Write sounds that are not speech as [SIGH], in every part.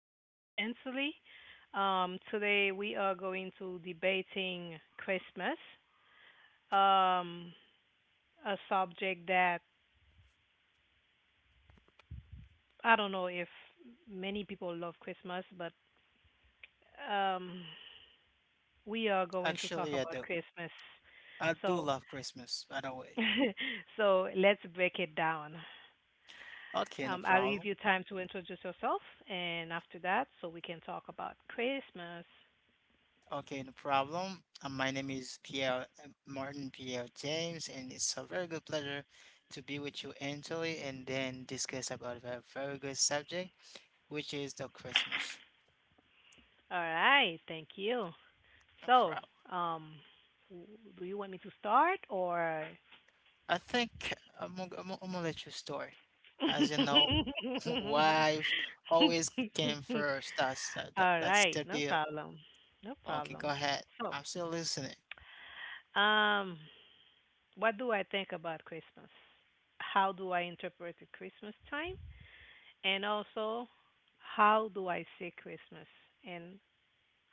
my name is Ansley. Today we are going to debating Christmas, um, a subject that I don't know if many people love Christmas, but um, we are going to Actually, talk I about do. Christmas. I do So, love Christmas, by the way. [LAUGHS] so let's break it down. Okay, no I'll problem. give you time to introduce yourself, and after that, so we can talk about Christmas. Okay, no problem. My name is Pierre Martin Pierre James, and it's a very good pleasure to be with you, Anthony, and then discuss about a very good subject, which is the Christmas. All right, thank you. No So, problem. um, w- do you want me to start or? I think I'm gonna let you start. As you know, [LAUGHS] [LAUGHS] wife always came first. That's that, that, All that's right, the no deal. problem. No Okay, go problem. ahead. So, I'm still listening. um, what do I think about Christmas? How do I interpret the Christmas time? And also, how do I see Christmas in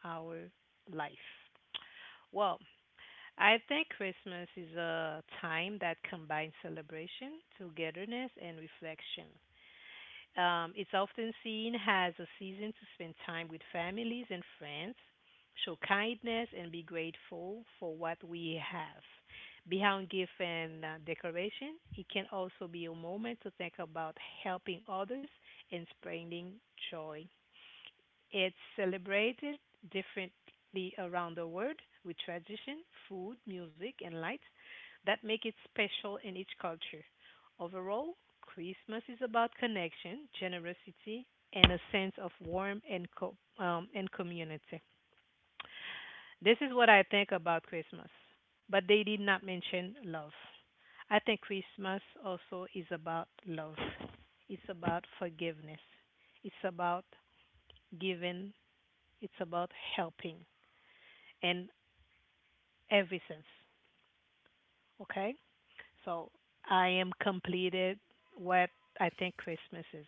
our life? Well, I think Christmas is a time that combines celebration, togetherness, and reflection. It's often seen as a season to spend time with families and friends, show kindness, and be grateful for what we have. Beyond gift and decoration, it can also be a moment to think about helping others and spreading joy. It's celebrated differently around the world with tradition, food, music, and lights that make it special in each culture. Overall, Christmas is about connection, generosity, and a sense of warmth and and community. This is what I think about Christmas, but they did not mention love. I think Christmas also is about love. It's about forgiveness. It's about giving, it's about helping in every sense. Okay? So I am completed what I think Christmas is.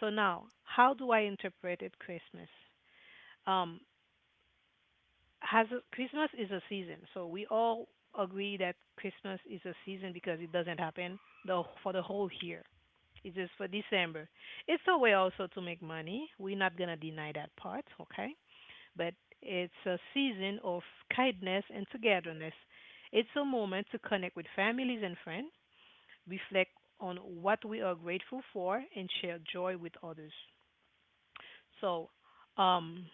So now, how do I interpret it Christmas? Um, Christmas is a season. So we all agree that Christmas is a season because it doesn't happen the for the whole year. It's just for December. It's a way also to make money. We're not gonna deny that part, okay? But it's a season of kindness and togetherness. It's a moment to connect with families and friends, reflect on what we are grateful for, and share joy with others. So, um,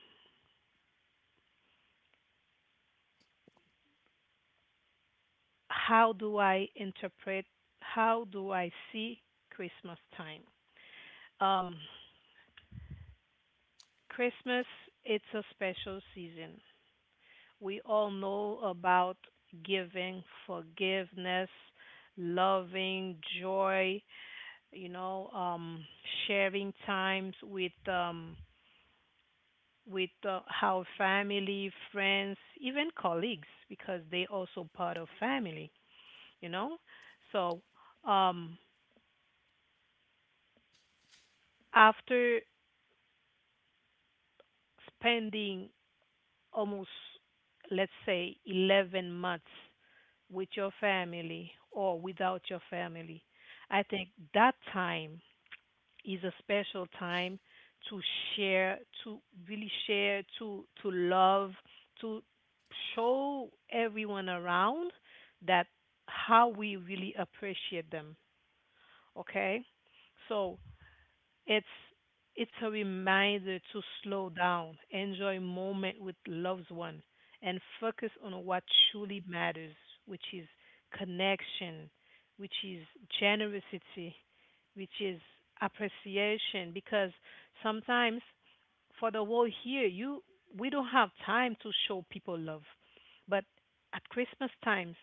how do I interpret, how do I see Christmas time? Um, Christmas, it's a special season. We all know about giving, forgiveness, loving, joy, you know, sharing times with our family, friends, even colleagues, because they also part of family, you know. So um, after spending almost, let's say, 11 months with your family or without your family, I think that time is a special time to share, to really share, to love, to show everyone around that how we really appreciate them. Okay, so it's it's a reminder to slow down, enjoy moment with loved one, and focus on what truly matters, which is connection, which is generosity, which is appreciation. Because sometimes for the whole year, you we don't have time to show people love, but at Christmas times,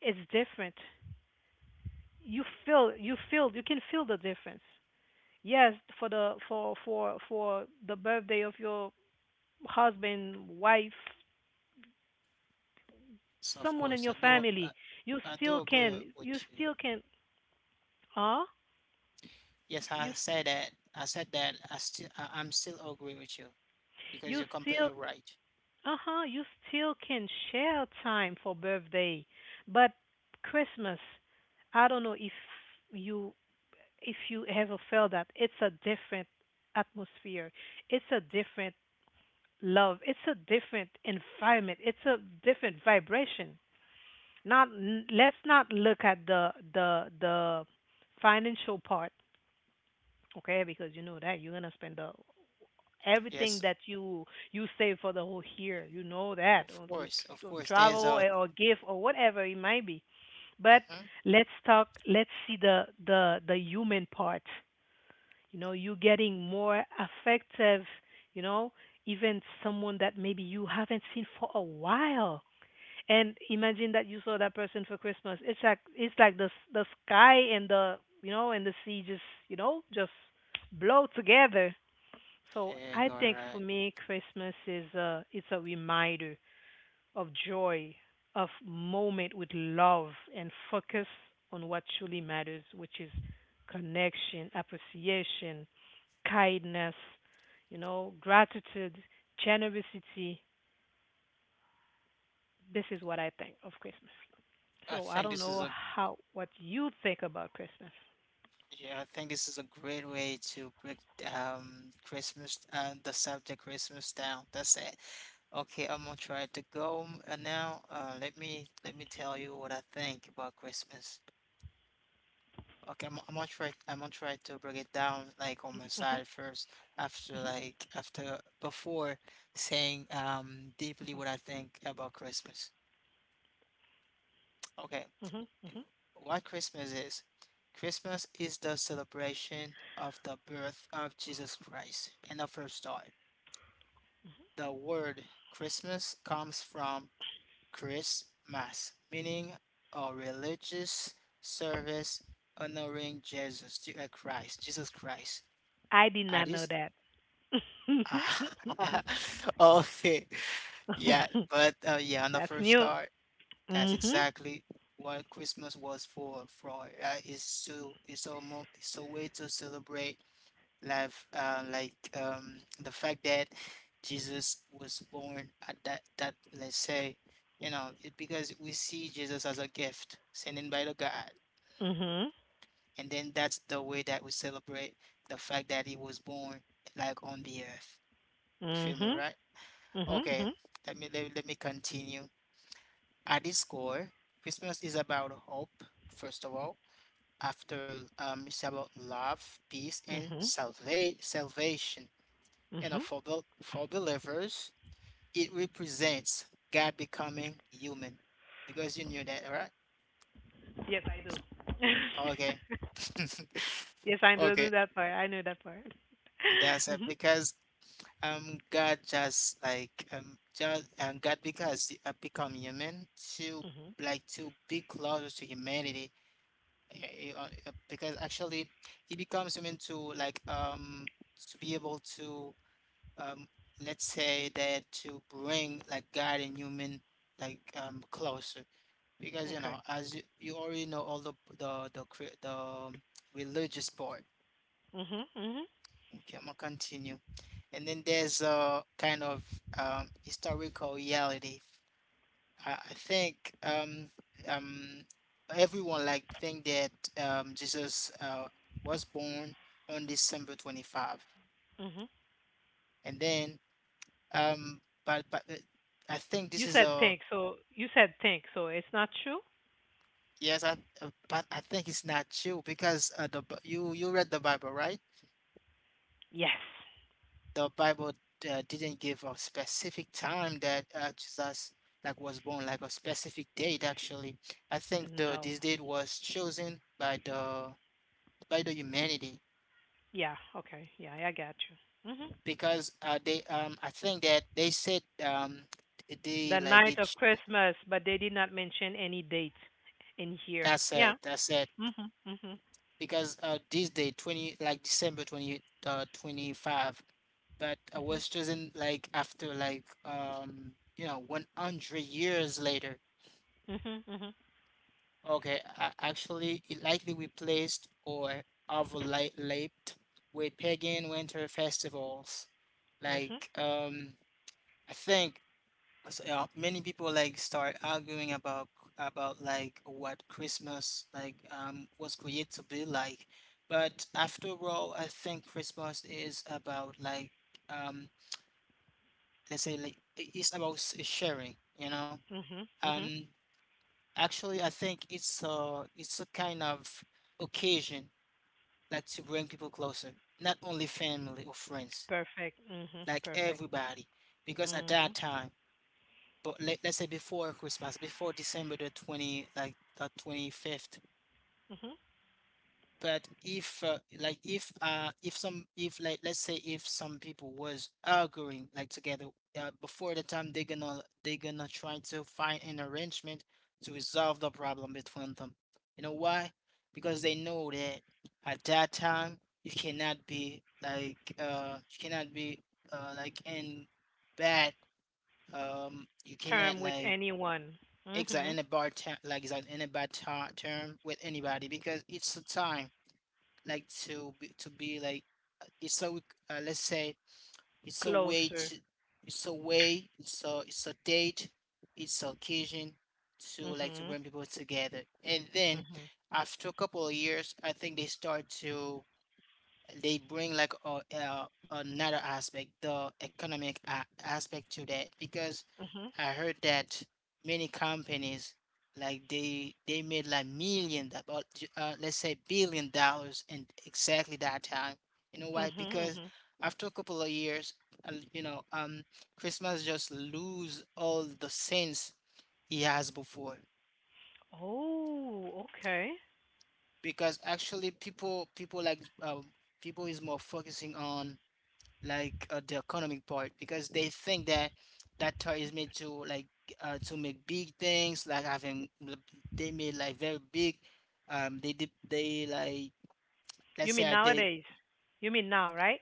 it's different. You can feel the difference. Yes, for the birthday of your husband, wife, So of someone in course, your family, you I do still agree can you with you. still can huh? Yes, I You st- said that. I said that. I'm still agree with you because you you're still completely right. uh-huh, you still can share time for birthday. But Christmas, I don't know you if you ever felt that it's a different atmosphere. It's a different love. It's a different environment. It's a different vibration. Not n- Let's not look at the financial part, okay, because you know that you're gonna spend the everything Yes, that you save for the whole year, you know that, of or with course, of or course. There's travel, a. eh, or gift or whatever it might be. But Mhm. let's talk, let's see the human part. You know, you getting more effective, you know, even someone that maybe you haven't seen for a while, and imagine that you saw that person for Christmas. It's like, it's like the sky and the, you know, and the sea just, you know, just blow together. So Yeah, you're I think right. for me Christmas is, a it's a reminder of joy, of moment with love, and focus on what truly matters, which is connection, appreciation, kindness, you know, gratitude, generosity. This is what I think of Christmas. I So I think don't this is know a how what you think about Christmas. Yeah, I think this is a great way to break Christmas, the subject Christmas down. That's it. Okay, I'm gonna try to go now. Let me let me tell you what I think about Christmas. Okay, I'm gonna try. I'm gonna try to break it down like on my side first, after like after before saying deeply what I think about Christmas. Okay, hmm hmm hmm what Christmas is? Christmas is the celebration of the birth of Jesus Christ and the first time. The word Christmas comes from Christmas, meaning a religious service honoring Jesus, Christ, Jesus Christ. I did At not know his. that. Ah, [LAUGHS] [LAUGHS] Okay. Yeah, but yeah, on the That's first new. start, that's Mhm. exactly what Christmas was for. For is to, it's almost, it's a way to celebrate life, like the fact that Jesus was born at that let's say, you know, it because we see Jesus as a gift sent in by the God, Mhm. and then that's the way that we celebrate the fact that he was born like on the earth. You feel me, Mhm. right? Okay, Mhm. Let me continue. At its core, Christmas is about hope, first of all. After it's about love, peace, and Mhm. Salvation. And Mhm. for for believers, it represents God becoming human, because you knew that, right? Yes, I do. [LAUGHS] Okay, Yes, I [LAUGHS] do know okay, that part. I know that part. that's [LAUGHS] it. Mhm. Because God just like just and God because become human to, Mhm. like, to be closer to humanity. Yeah, because actually it becomes human to, like, to be able to, um let's say, that to bring like God and human like closer, because you know Okay. as you already know all the religious part. Mhm. Mhm. Okay, I'm gonna continue, and then there's a kind of historical reality. I think um, everyone like think that Jesus was born on December 25, Mhm. and then but I think this You is said a think, so you said think, so it's not true. yes, I think it's not true because the you, you read the Bible, right? Yes. The Bible didn't give a specific time that Jesus like was born, like a specific date actually. I think the No. this date was chosen by the humanity Yeah. Okay. Yeah, I got you. Mhm. because they I think that they said they The like night of Christmas, but they did not mention any date in here. that's Yeah. it, that's it, Mhm. Mhm. because this day 20, like December 20 25, but I Mhm. was chosen like after like you know 100 years later. Mhm. Mhm. Okay, actually it likely replaced or overlapped with pagan winter festivals Mhm. like I think. So yeah, many people like start arguing about like what Christmas like was created to be like. But after all, I think Christmas is about like um let's say like, it's about sharing, you know. Mhm. Mhm. Um actually I think it's a, it's a kind of occasion, like to bring people closer, not only family or friends, Perfect. Mhm. like Perfect. everybody. Because at that Mhm. time, but let's say before Christmas, before December the 20th, like the 25th. Mhm. But if like let's say if some people was arguing like together before the time, they're gonna try to find an arrangement to resolve the problem between them. You know why? Because they know that at that time you cannot be like you cannot be like in bad, you cannot Term with like, anyone. exactly, Mhm. in a bad term, like is in a bad term with anybody because it's a time like to be, to be like uh, it's a w- let's say it's a way Closer. to, it's a way, it's a date, it's a occasion to like to Mhm. bring people together, and then Mhm. after a couple of years I think they start to, they bring like another aspect, the economic aspect to that, because Mhm. I heard that many companies like they made like million or let's say billion dollars in exactly that time. You know why? Mhm. Because Mhm. after a couple of years, you know, Christmas just lose all the sense he has before. Oh, okay. Because actually, people like people is more focusing on like the economic part, because they think that that toy is made to, like, to make big things like having, they made like very big, they did they like You let's mean say, I did nowadays? You mean now, right?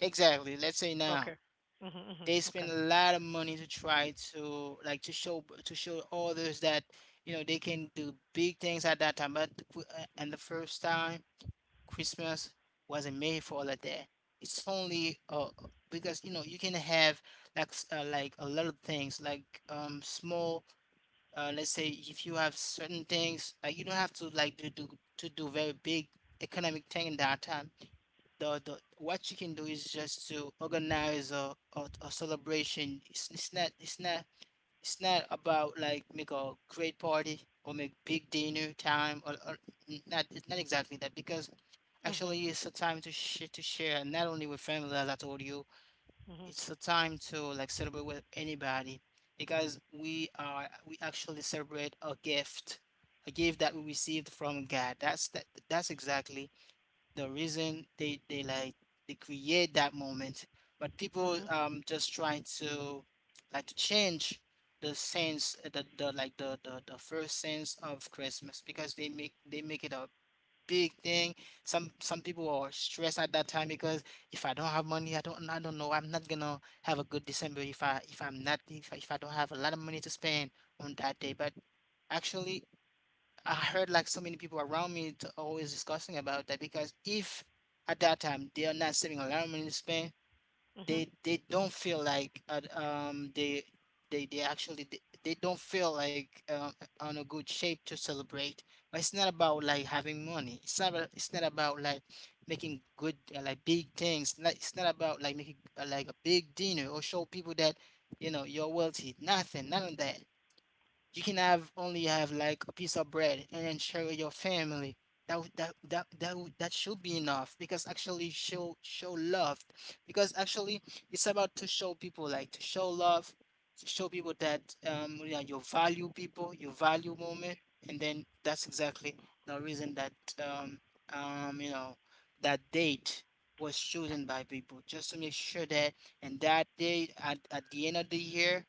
exactly, let's say now, Okay. Mhm. Mhm. they Okay. spend a lot of money to try to, like, to show, to show others that you know they can do big things at that time, but and the first time Christmas wasn't made for all of that. It's only because you know you can have like like a lot of things like small, let's say if you have certain things, like you don't have to like to do, to do very big economic thing in that time. The what you can do is just to organize a celebration. It's not, it's not, it's not about like make a great party or make big dinner time, or not, it's not exactly that, because Mhm. actually, it's a time to sh to share not only with family, as I told you, Mhm. it's a time to like celebrate with anybody because we are, we actually celebrate a gift that we received from God. That's that's exactly the reason they like they create that moment. But people Mhm. Just trying to like to change the sense, the like the first sense of Christmas, because they make it a big thing. Some people are stressed at that time because if I don't have money, I don't know. I'm not gonna have a good December if I'm not, if I don't have a lot of money to spend on that day. But actually, I heard like so many people around me to always discussing about that, because if at that time they are not saving a lot of money to spend, Mhm. They don't feel like they actually they don't feel like on a good shape to celebrate, but it's not about like having money, it's not about like making good, like big things, like it's not about like making, like a big dinner, or show people that you know you're wealthy, nothing, none of that. You can have only have like a piece of bread and then share with your family. That would, that should be enough, because actually show love. Because actually it's about to show people, like to show love, to show people that you know you value people, you value moment, and then that's exactly the reason that um you know that date was chosen by people just to make sure that, and that day at the end of the year,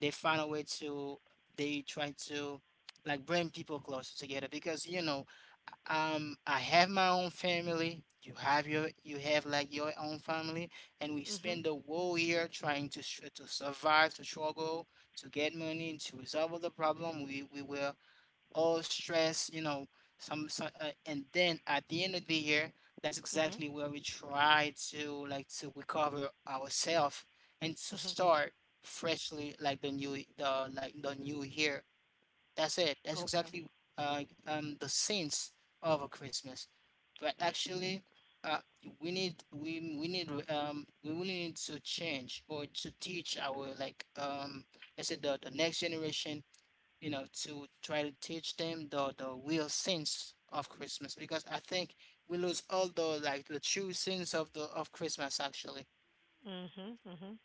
they find a way to, they try to like bring people closer together, because you know I have my own family, you have you have like your own family, and we Mhm. spend the whole year trying to to survive, to struggle to get money to resolve the problem, we were all stressed, you know, some and then at the end of the year that's Mhm. exactly where we try to like to recover ourselves, and to Mhm. start freshly like the new the like the new year. That's it. That's Okay. exactly the sense of a Christmas. But actually, uh, we need, we need, we will need to change or to teach our like I said, the next generation, you know, to try to teach them the real sense of Christmas, because I think we lose all the like the true sense of the of Christmas, actually. Mhm. Mhm.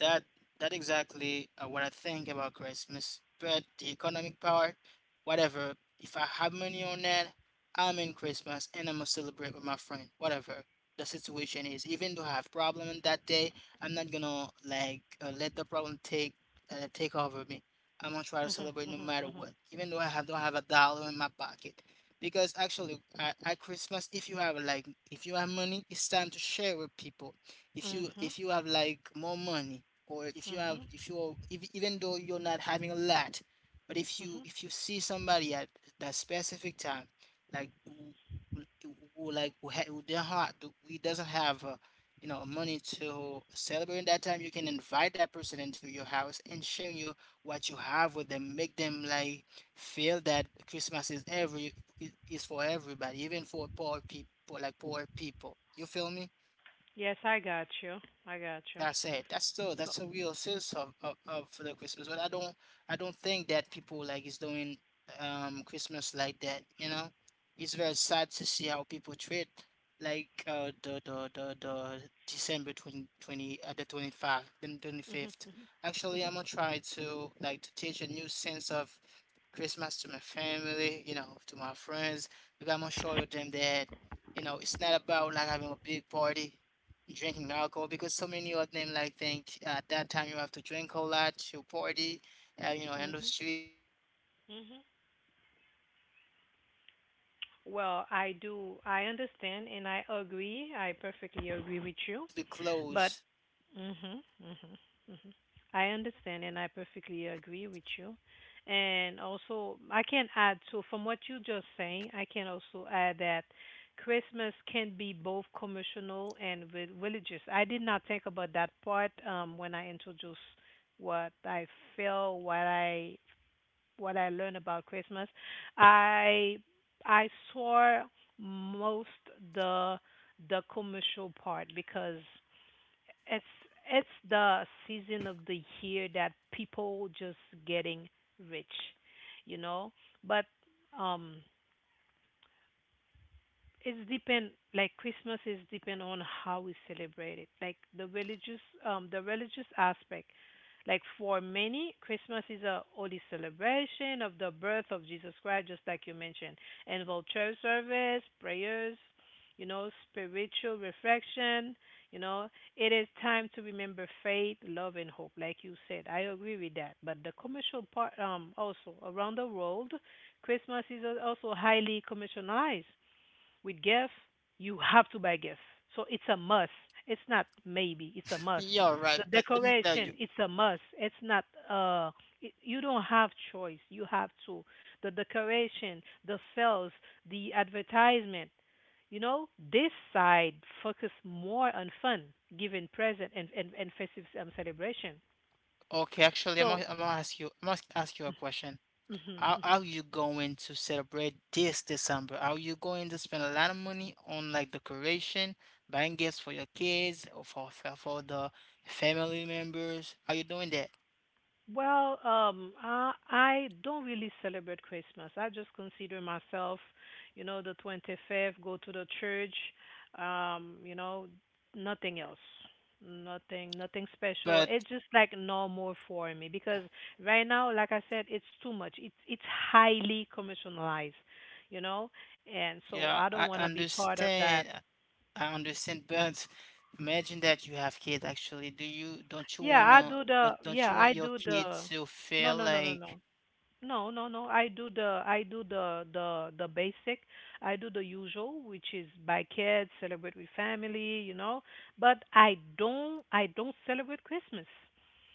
that that exactly what I think about Christmas. But the economic part, whatever. If I have money on that, I'm in Christmas and I'm gonna celebrate with my friend. Whatever the situation is, even though I have problem on that day, I'm not gonna like let the problem take over me. I'm gonna try to Mhm. celebrate no Mhm. matter Mhm. what, even though don't have a dollar in my pocket. Because actually, at Christmas, if you have like if you have money, it's time to share with people Mhm. if you have like more money or if you have Mhm. if you're if, even though you're not having a lot but Mhm. if you see somebody at that specific time like who- like who, ha- who their heart who doesn't have money to celebrate that time you can invite that person into your house and share your what you have with them make them like feel that Christmas is every is for everybody even for poor people you feel me. Yes, I got you. I got you. That's it. That's still So. that's a real sense of for the Christmas. But I don't think that people like is doing Christmas like that, you know? It's very sad to see how people treat like the December twenty twenty 20 the 25 then Mhm. 25th. Mhm. Actually, I'm Mhm. gonna try to like to teach a new sense of Christmas to my family, to my friends. Because I'm gonna show them that, it's not about like having a big party drinking alcohol because so many of them like think at that time you have to drink a lot to party, in the Mhm. street. Mhm. But it's not about that actually. It's not about to Well, I be do. together, I to be understand and I close. agree. I perfectly agree with you. But Mhm. Mhm. Mhm. I understand and I perfectly agree with you. And also, I can add, so from what you just saying, I can also add that Christmas can be both commercial and religious. I did not think about that part when I introduced what I feel, what I, what I learned about Christmas. I I saw most the the commercial part because it's it's the season of the year that people just getting rich, you know. But um, it's depend, like Christmas is depend on how we celebrate it. Like the religious, the religious aspect, like for many Christmas is a holy celebration of the birth of Jesus Christ, just like you mentioned, involve church service, prayers, you know, spiritual reflection, you know, it is time to remember faith, love, and hope, like you said. I agree with that. But the commercial part, also around the world, Christmas is also highly commercialized. With gas, you have to buy gas. So it's a must. It's not maybe. It's a must. Yeah, right. The But let me tell decoration, you. it's a must. It's not. It, you don't have choice. You have to. The decoration, the sales, the advertisement. You know, this side focus more on fun, giving present, and festive celebration. Okay, actually, I'm So, gonna, I'm gonna ask you. I am must ask you a question. How are [LAUGHS] you going to celebrate this December? Are you going to spend a lot of money on like decoration, buying gifts for your kids or for the family members? Are you doing that? well, I don't really celebrate Christmas. I just consider myself, you know, the 25th, go to the church, you know, nothing else. Nothing, nothing special. But It's just like normal for me, because right now, like I said, it's too much. It's highly commercialized, you know, and so yeah, I don't I want to be part of that. understand. I understand. [LAUGHS] But imagine that you have kids. Actually, do you don't you Yeah, I wanna do the, don't you yeah, want I your do the, kids to no, feel no, no, no, like no. No, no, no. I do the the basic. I do the usual, which is buy kids, celebrate with family, you know. But I don't celebrate Christmas.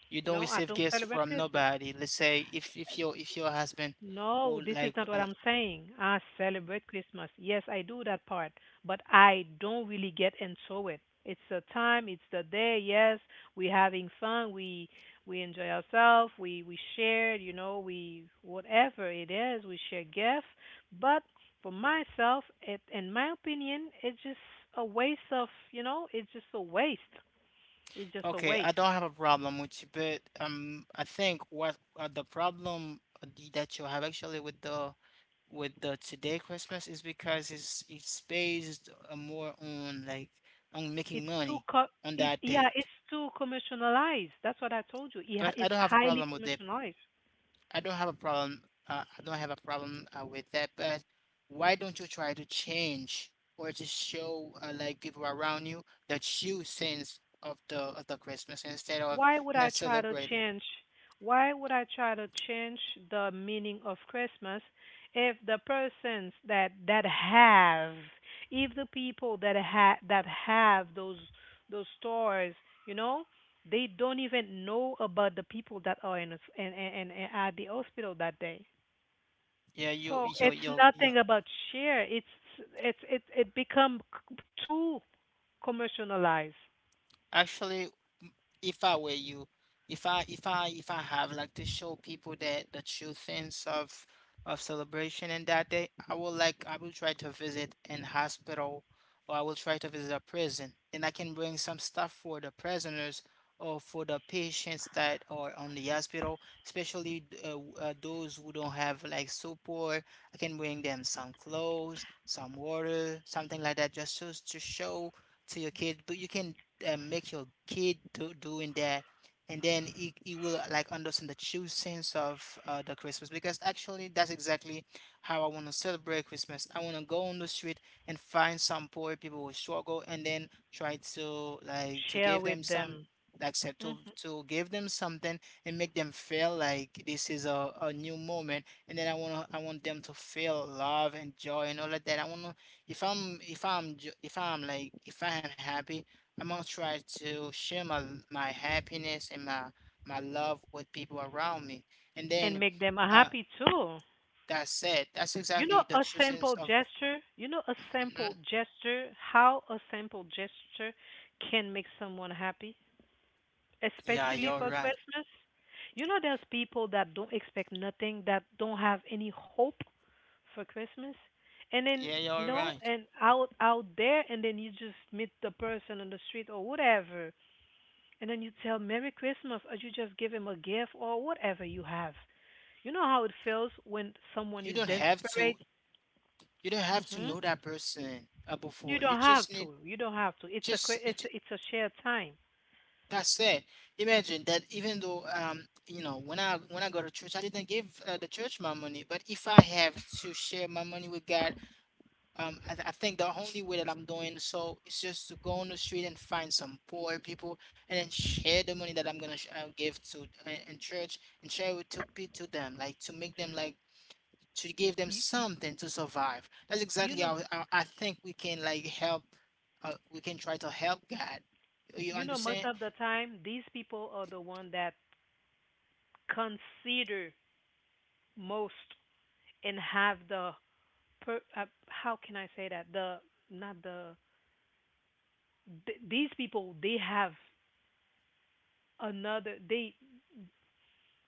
you You don't know, I receive don't gifts celebrate from Christmas. nobody? Let's say if your husband No, would this is like. not what I'm saying. I celebrate Christmas. Yes, I do that part, but I don't really get into it. It's the time, it's the day. Yes, we're having fun. We enjoy ourselves. We share, you know, we whatever it is, we share gifts. But for myself, it in my opinion, it's just a waste of, you know, it's just a waste. It's just a Okay, I waste. don't have a problem with you, but I think what the problem the- that you have actually with the today Christmas is because it's based more on making money on It's, that yeah, date. it's too commercialized. That's what I told you. It, But I it's don't have a highly problem with it. commercialized. I don't have a problem. I don't have a problem with that. But why don't you try to change or to show like people around you that you sense of the Christmas instead of Why would I not try to celebrating? change? Why would I try to change the meaning of Christmas if the persons that that have, if the people that have, that have those stores, you know, they don't even know about the people that are in, a, s- in at the hospital that day. Yeah. you So you it's you you nothing about share. It it become c- too commercialized. Actually, m- if I were you, if I have like to show people that the true sense of celebration in that day, I will like I will try to visit an hospital or I will try to visit a prison. Then I can bring some stuff for the prisoners or for the patients that are on the hospital, especially those who don't have like support. I can bring them some clothes, some water, something like that, just so as to show to your kids. But you can make your kid doing that and then he will like understand the true sense of the Christmas because actually that's exactly how I want to celebrate Christmas. I want to go on the street and find some poor people who struggle and then try to like to Share give them with some them. like said Hmm. to give them something and make them feel like this is a new moment and then I want them to feel love and joy and all of that. I want to If I am happy, I'm gonna try to share my happiness and my love with people around me. And then And make them uh happy too. that said, that's You know, exactly the a true sense simple of. gesture. You know, a Mhm. simple gesture. How a simple gesture can make someone happy, Yeah, especially you're for right. Christmas. You know, there's people that don't expect nothing, that don't have any hope for Christmas, and then, Yeah, you you're know, right. and out there, and then you just meet the person on the street or whatever, and then you tell Merry Christmas, or you just give him a gift or whatever you have. You know how it feels when someone You is don't have desperate. to you don't have to Hmm. know that person You before. You don't have just need to. You don't have to. Just you, It's ju- a, it's a shared time. that's it. Imagine that even though when I go to church I didn't give the church my money, but if I have to share my money with God. I think the only way that I'm doing so is just to go on the street and find some poor people and then share the money that I'm gonna give to in church and share it to them, like to make them like to give them You, you, something to survive. That's you exactly know, how I think we can like help. We can try to help God. You you know, most understand? of the time, these people are the one that consider most and have the per, how can I say that, the not the these people they have another,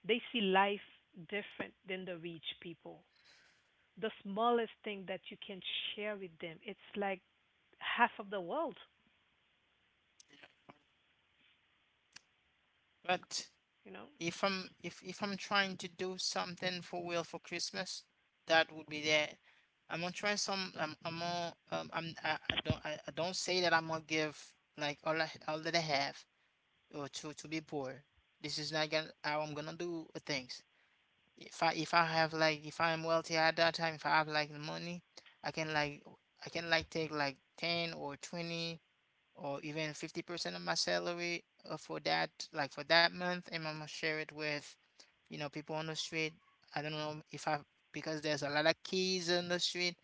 they see life different than the rich people. The smallest thing that you can share with them, it's like half of the world. But You know, if I'm trying to do something for real for Christmas, that would be there. I'm gonna try some. I'm gonna I don't say that I'm gonna give like all that I have or to be poor. This is not gonna how I'm gonna do things. If I'm wealthy at that time, if I have like money, I can like I can take like 10 or 20 or even 50% of my salary for that month, and I'm gonna share it with people on the street. I don't know if I because there's a lot of kids on the street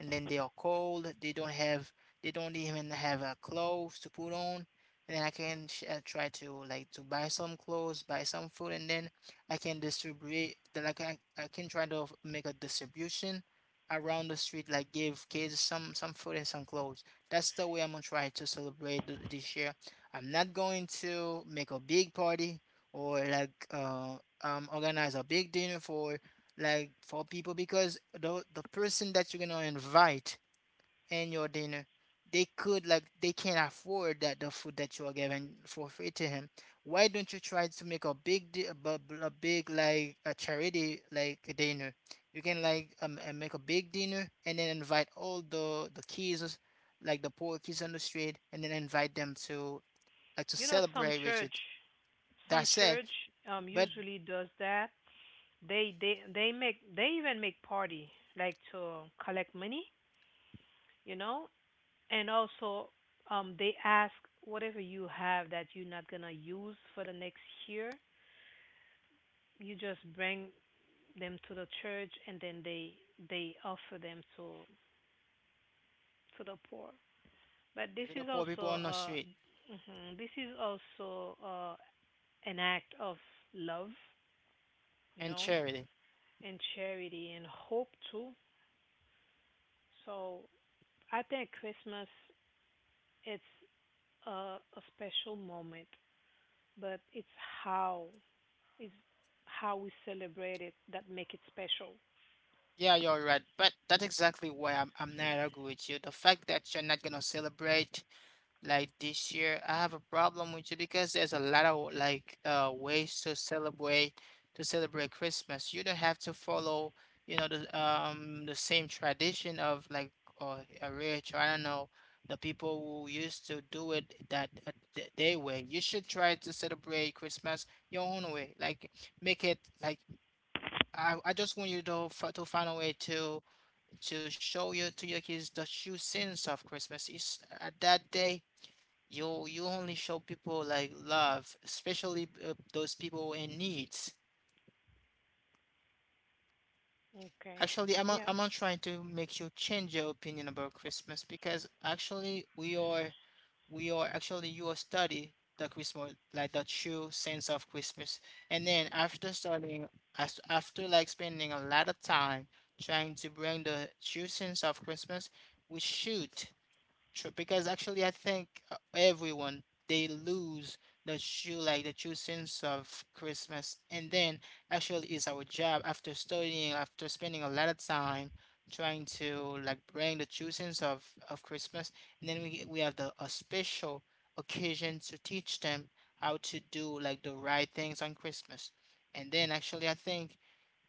and then they are cold. They don't even have a clothes to put on. And then I can try to like to buy some clothes, buy some food, and then I can distribute. Like I can try to make a distribution around the street, like give kids some food and some clothes. That's the way I'm gonna try to celebrate this year. I'm not going to make a big party or like organize a big dinner for people because the person that you're gonna invite in your dinner they could like they can't afford that the food that you are giving for free to him. Why don't you try to make a big like a charity like a dinner. You can like make a big dinner and then invite all the kids like the poor kids on the street and then invite them to like to you know, some celebrate with church it. some That said, church but usually does that. They even make party like to collect money, you know, and also they ask whatever you have that you're not gonna use for the next year, you just bring them to the church, and then they offer them to the poor. But this to the is poor also people on the street Mhm, this is also an act of love, you and know, charity. and charity and hope too. So I think Christmas it's a, a special moment, but how it's how we celebrate it that make it special. Yeah, you're right. But that's exactly why I'm not arguing with you. The fact that you're not gonna celebrate like this year, I have a problem with you because there's a lot of like ways to celebrate Christmas. You don't have to follow, the same tradition of like or a rich or I don't know the people who used to do it that they way. You should try to celebrate Christmas your own way. Like make it like I just want you to f to find a way to show you to your kids the true sense of Christmas. Is at that day you only show people like love, especially those people in needs. Okay. Actually, I'm not, Yeah. I'm not trying to make you change your opinion about Christmas because actually we are actually you are study the Christmas like the true sense of Christmas, and then after studying as after like spending a lot of time trying to bring the true sense of Christmas, we should. True, because actually, I think everyone they lose the true sense of Christmas, and then actually it's our job after studying, after spending a lot of time trying to like bring the true sense of Christmas, and then we have the a special occasion to teach them how to do like the right things on Christmas, and then actually I think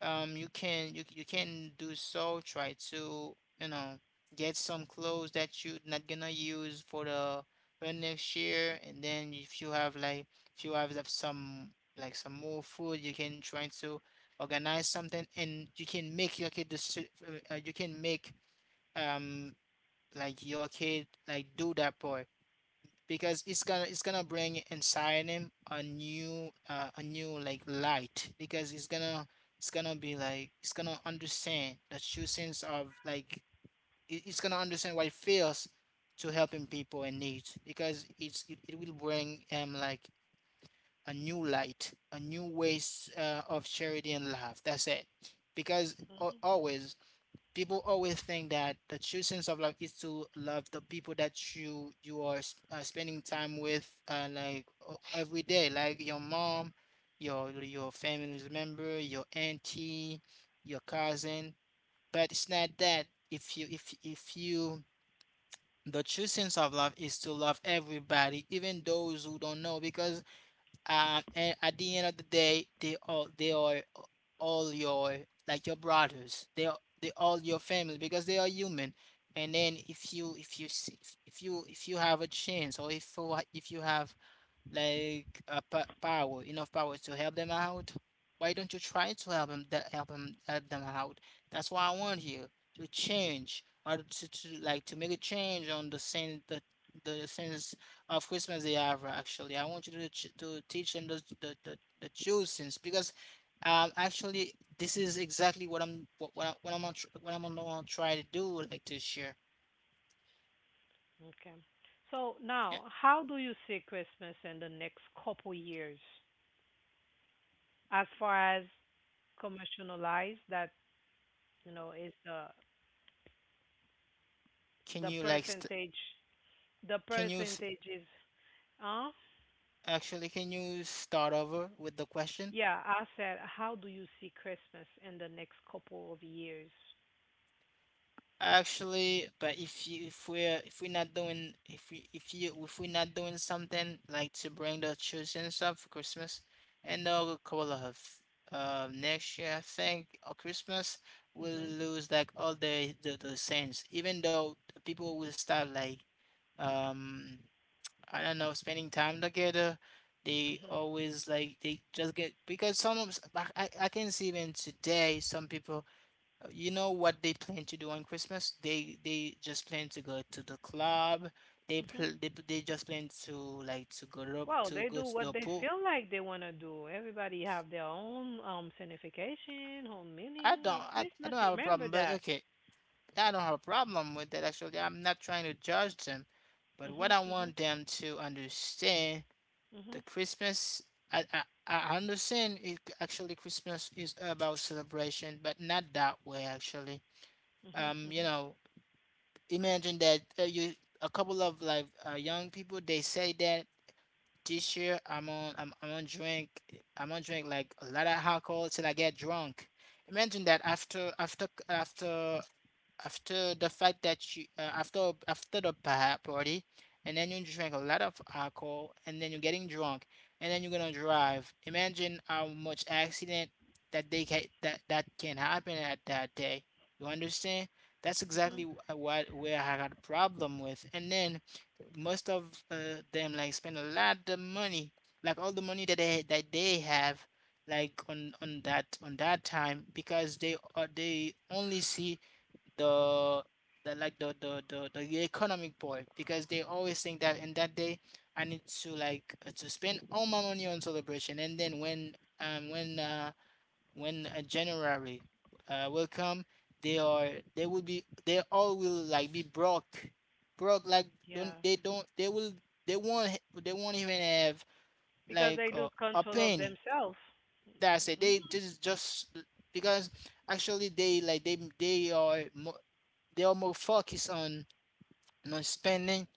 you can you can do so, try to, you know, get some clothes that you're not gonna use for the next year. And then if you have like, if you have like, some, like some more food, you can try to organize something, and you can make your kid this you can make um like your kid like do that part, because it's gonna bring inside him a new like light. Because it's gonna be like, it's gonna understand the true sense of like, it's gonna understand what it feels to helping people in need. Because it will bring him like a new light, a new ways of charity and love, that's it. Because always, people always think that the true sense of love is to love the people that you are spending time with, like every day, like your mom, your family member, your auntie, your cousin. But it's not that. If you, the true sense of love is to love everybody, even those who don't know, because, and at the end of the day, they all they are all your, like your brothers. They are they all your family because they are human. And then if you have a chance, or if you if you have like power, enough power to help them out. Why don't you try to help them, that help them out? That's why I want you to change, or to like to make a change on the sense, the sense of Christmas they have. Actually, I want you to to teach them the true sense because. Actually, this is exactly what I'm what, I, what I'm what I'm gonna try to do, like to share. Okay. So Yeah. now, how do you see Christmas in the next couple years? As far as commercialized, that you know is the Can you like st- percentage. The can you s- percentage is, huh? Actually, can you start over with the question? Yeah, I said, how do you see Christmas in the next couple of years? Actually, but if we're not doing, if we're not doing something like to bring the children up for Christmas, and the cola of, next year I think, or Christmas, we'll Mhm, lose like all the sense. Even though the people will start like, um I don't know, spending time together, they always like, they just get, because some of I can see even today some people, you know what they plan to do on Christmas? They just plan to go to the club. Mhm, They just plan to like to go to Well, they to do go to what the they pool. feel like they want to do. Everybody have their own signification, own meaning of I Christmas. don't have a Remember problem, but that. okay, I don't have a problem with that actually. I'm not trying to judge them, but Mhm, what I mhm, want them to understand, mhm, the Christmas, I understand it. Actually Christmas is about celebration, but not that way actually. mhm, You mhm, know, imagine that, you, a couple of like young people, they say that this year I'm on drink, like a lot of alcohol till I get drunk. Imagine that, after the fact that you, after the party, and then you drink a lot of alcohol, and then you're getting drunk, and then you're gonna drive. Imagine how much accident that they can that that can happen at that day. You understand, that's mhm. exactly what where I got a problem with. And then most of them like spend a lot of money, like all the money that they have, like on that, on that time, because they only see the, the economic part. Because they always think that in that day, I need to like to spend all my money on celebration. And then um when uh when January will come, they are they will be, they all will like be broke, broke, like, Yeah, don't they will they won't they won't even have because like they lose a control of penny. themselves. That's it, they Mhm, just, because actually they are mo they are more focused on you spending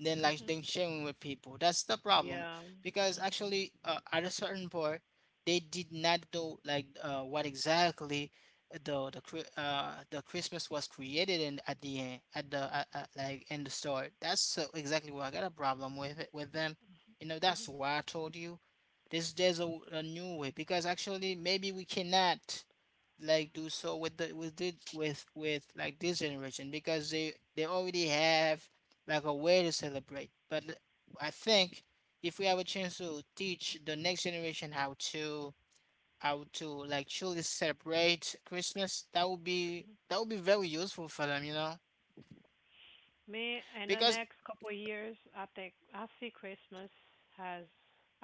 than like mhm. than sharing with people. That's the problem. Yeah. Because Mhm. actually, at a certain part, they did not know like what exactly the Christmas was created in at the end at the like in the start. That's so exactly where I got a problem with it with them. You know, that's why I told you this, there's a new way. Because actually maybe we cannot like do so with the with like this generation, because they already have like a way to celebrate. I think if we have a chance to teach the next generation how to, how to like truly celebrate Christmas, that would be very useful for them, you know? Me in the Because next couple of years, I think I see Christmas has.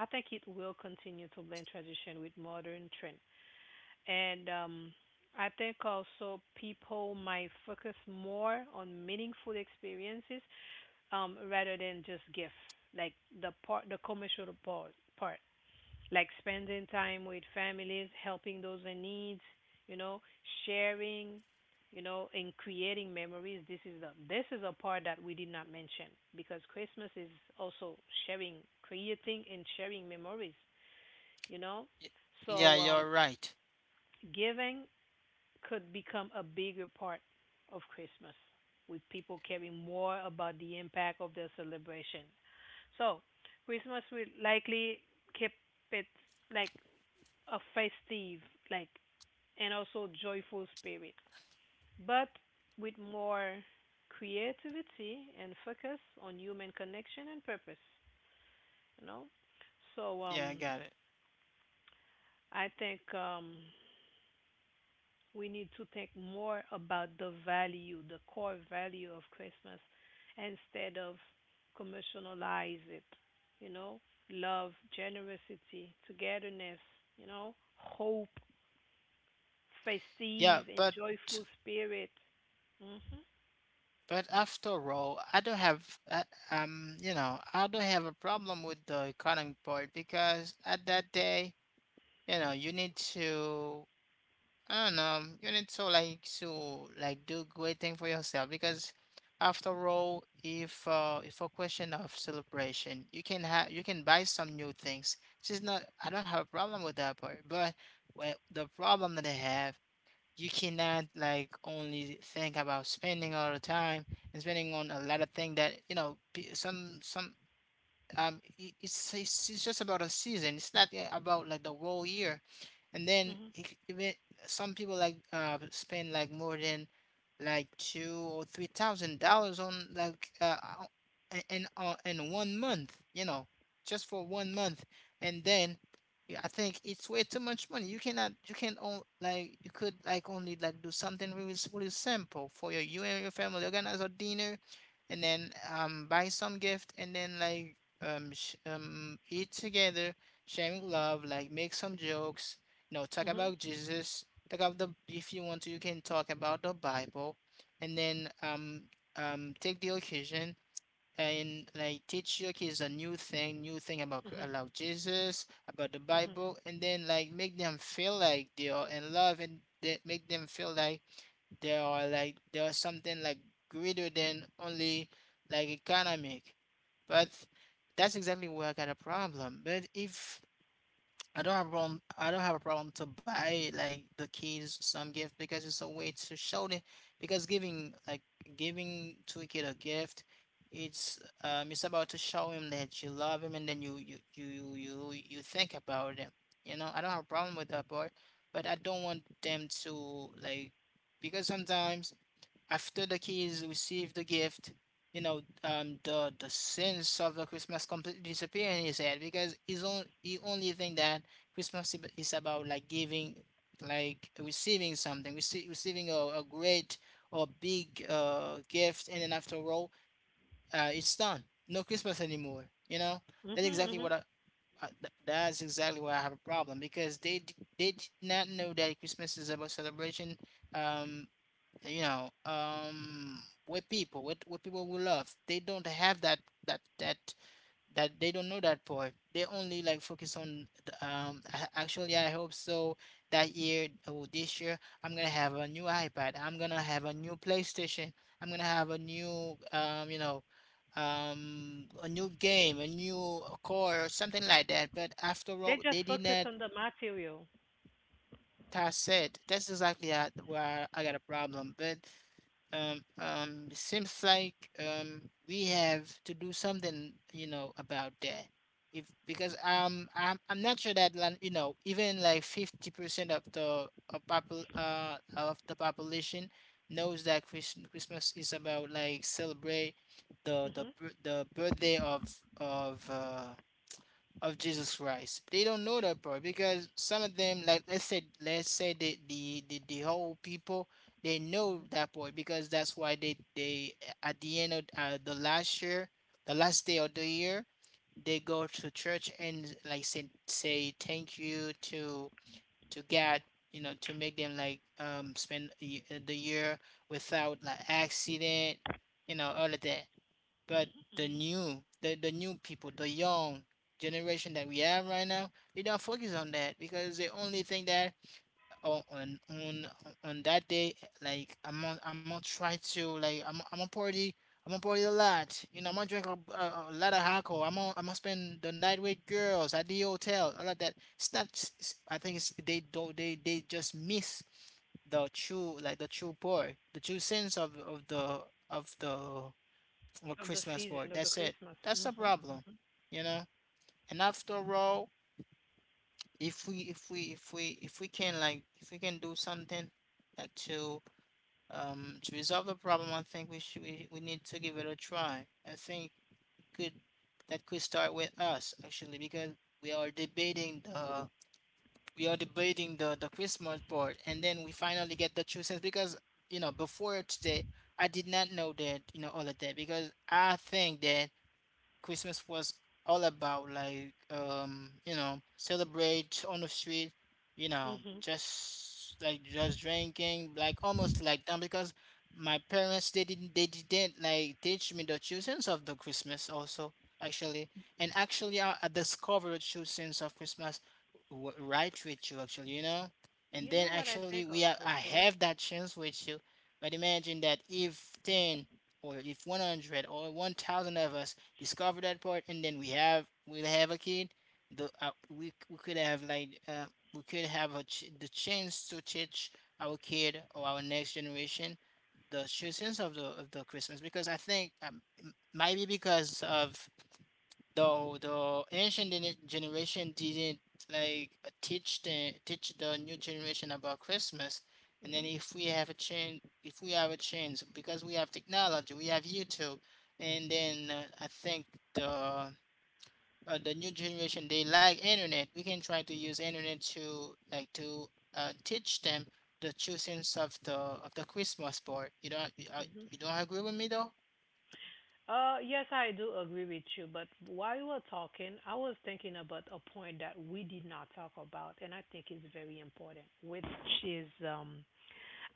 I think it will continue to blend tradition with modern trends. And I think also people might focus more on meaningful experiences, rather than just gifts, like the part, the commercial part, like spending time with families, helping those in need, you know, sharing, you know, and creating memories. This is a part that we did not mention because Christmas is also sharing, creating, and sharing memories. You know, y- yeah, so you're right. giving could become a bigger part of Christmas, with people caring more about the impact of their celebration. So, Christmas will likely keep it like a festive, like, and also joyful spirit, but with more creativity and focus on human connection and purpose. You know, so Yeah, I got it. I think we need to think more about the value, the core value of Christmas instead of commercialize it, you know? Love, generosity, togetherness, you know, hope, Yeah, festive but and joyful spirit. Mhm. But after all, I don't have, I, you know, I don't have a problem with the economic part because at that day, you know, I don't know, you need to like do great thing for yourself. Because after all, if a question of celebration, you can buy some new things. It's just not, I don't have a problem with that part, but, well, the problem that I have, you cannot like only think about spending all the time, and spending on a lot of things that you know some, it, it's just about a season, it's not about like the whole year. And then Mhm. Even some people like spend like more than like two or three thousand dollars on like in 1 month, you know, just for 1 month. And then yeah, I think it's way too much money. You cannot, you could like only like do something really really simple for you and your family. Organize a dinner, and then buy some gift, and then like, sh eat together, sharing love, like make some jokes, you know, talk Mhm. about Jesus, talk about the, if you want to, you can talk about the Bible. And then take the occasion and like teach your kids a new thing Mhm. about Jesus, about the Mhm. Bible. And then like make them feel like they are in love, and that make them feel like there are like, there are something like greater than only like economic. But that's exactly where I got a problem. But if, I don't have a problem, I don't have a problem to buy like the kids some gift, because it's a way to show them. Because giving like, giving to a kid a gift, it's about to show him that you love him, and then you think about him, you know. I don't have a problem with that part. But I don't want them to like, because sometimes after the kids receive the gift, you know, the sense of the Christmas completely disappear in his head, because he only think that Christmas is about like giving, like receiving something, receiving a great or big gift. And then after all, it's done. No Christmas anymore. You know, Mhm. that's exactly what Mhm. I. That's exactly where I have a problem, because they did not know that Christmas is about celebration, um, you know, with people with people we love. They don't have that, that that that, they don't know that part. They only like focus on the, actually I hope so that year, or this year, I'm gonna have a new ipad, I'm gonna have a new playstation, I'm gonna have a new you know, a new game, a new car, or something like that. But after They all, they just focus didn't. on the material, That's said, that's exactly at where I got a problem. But it seems like, um, we have to do something, you know, about that. If, because I'm not sure that you know, even like 50% of the of popul of the population knows that Christmas is about like celebrate the mhm, the birthday of uh of Jesus Christ. They don't know that part. Because some of them, like let's say the whole people, they know that part, because that's why they at the end of the last year, the last day of the year, they go to church and like say thank you to God. You know, to make them like spend the year without like accident, you know, all of that. But the new people, the young generation that we have right now, they don't focus on that because they only think that on on, that day, like I'm gonna try to like I'm gonna party. I'm gonna party a lot, I'm gonna drink a lot of alcohol. I'm gonna spend the night with girls at the hotel. All of that. It's not. It's, I think it's they don't. They just miss the true part, the true sense of the of the or of the Christmas board. season of the That's it. Christmas. That's the Mhm. problem, Mhm. you know. And after all, if we can like if we can do something like to resolve the problem, I think we need to give it a try. I think it could that could start with us actually because we are debating the we are debating the Christmas board and then we finally get the true sense because you know before today I did not know that, you know, all of that because I think that Christmas was all about like you know celebrate on the street, you know Mhm. just like just drinking like almost like them because my parents they didn't like teach me the true sense of the Christmas also actually. And actually I discovered the true sense of Christmas right with you actually, you know. And You then know what I actually think we are also I too. have that chance with you. But imagine that if 10 or if 100 or 1000 of us discover that part, and then we'll have a kid. The we could have like we could have the chance to teach our kid or our next generation the true sense of the Christmas because I think maybe because of the ancient generation didn't like teach the new generation about Christmas. And then if we have a change, if we have a change, because we have technology, we have YouTube, and then I think the the new generation they like internet. We can try to use internet to like to teach them the choosings of the Christmas board. Mhm. You don't agree with me though? Yes, I do agree with you. But while you were talking, I was thinking about a point that we did not talk about, and I think is very important, which is,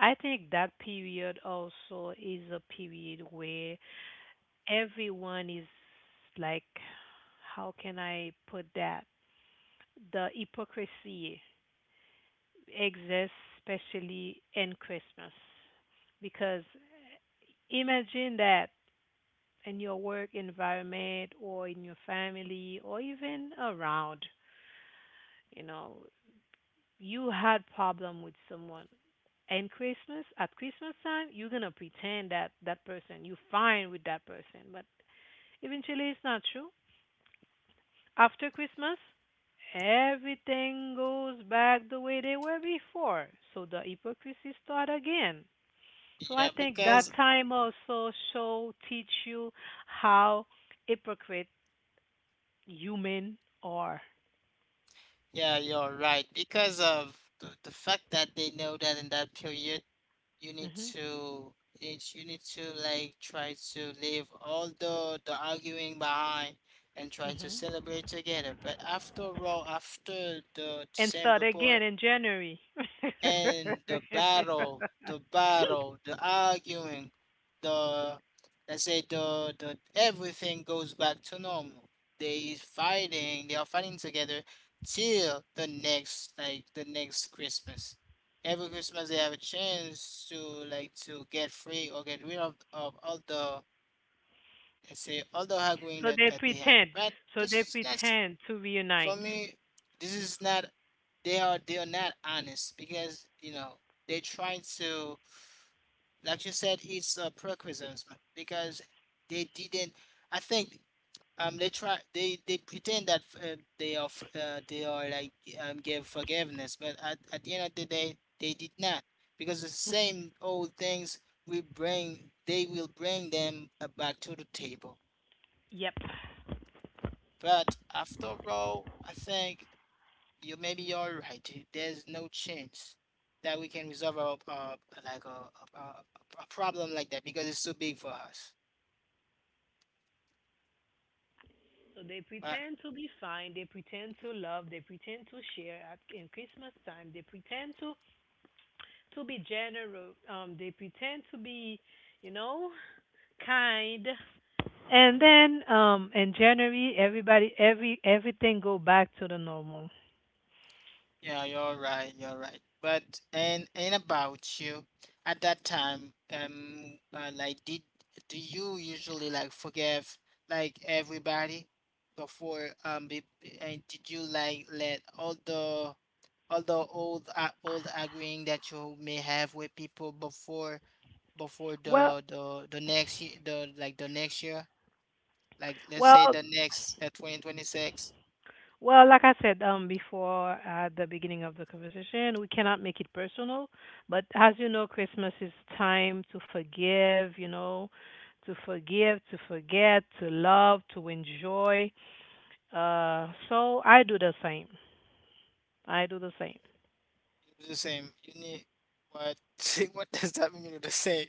I think that period also is a period where everyone is, like, how can I put that? The hypocrisy exists, especially in Christmas, because imagine that in your work environment or in your family or even around, you know, you had problem with someone. And Christmas, at Christmas time, you're going to pretend that that person you're fine with that person. But eventually it's not true. After Christmas, everything goes back the way they were before. So the hypocrisy start again. So I Yeah, think that because time also show teach you how hypocrite human or, yeah, you're right. Because of the fact that they know that in that period, you need mhm, to it's you need to like try to leave all the arguing behind and try to mhm, celebrate together. But after all, after the and start December, again in January. [LAUGHS] and the battle, the battle, the arguing, the let's say the everything goes back to normal. They are fighting together till the next like the next Christmas. Every Christmas they have a chance to like to get free or get rid of all the let's say all the arguing So they that they have. pretend. But So this they is not, pretend to for reunite. me, this is not, they are not honest because you know they're trying to like, you said it's a prerequisite because they didn't. I think they try they pretend that they are they are like give forgiveness but at the end of the day they did not because the same old things will bring they will bring them back to the table. Yep. But after all, I think you maybe you're right. There's no chance that we can resolve a a problem like that because it's too big for us. So they But pretend to be fine. They pretend to love. They pretend to share at in Christmas time. They pretend to be generous. They pretend to be, you know, kind. And then, in January, everybody, everything go back to the normal. yeah, you're right. You're right. But and about you, at that time, like did do you usually like forgive like everybody before and did you like let all the old old arguing that you may have with people before before Well, the the the next year, the like the next year, like let's say well, the next 2026? Well, like I said, before at the beginning of the conversation, we cannot make it personal. But as you know, Christmas is time to forgive, you know, to forgive, to forget, to love, to enjoy. So I do the same. I do the same. You do the same. You need what? [LAUGHS] What does that mean? You do the same?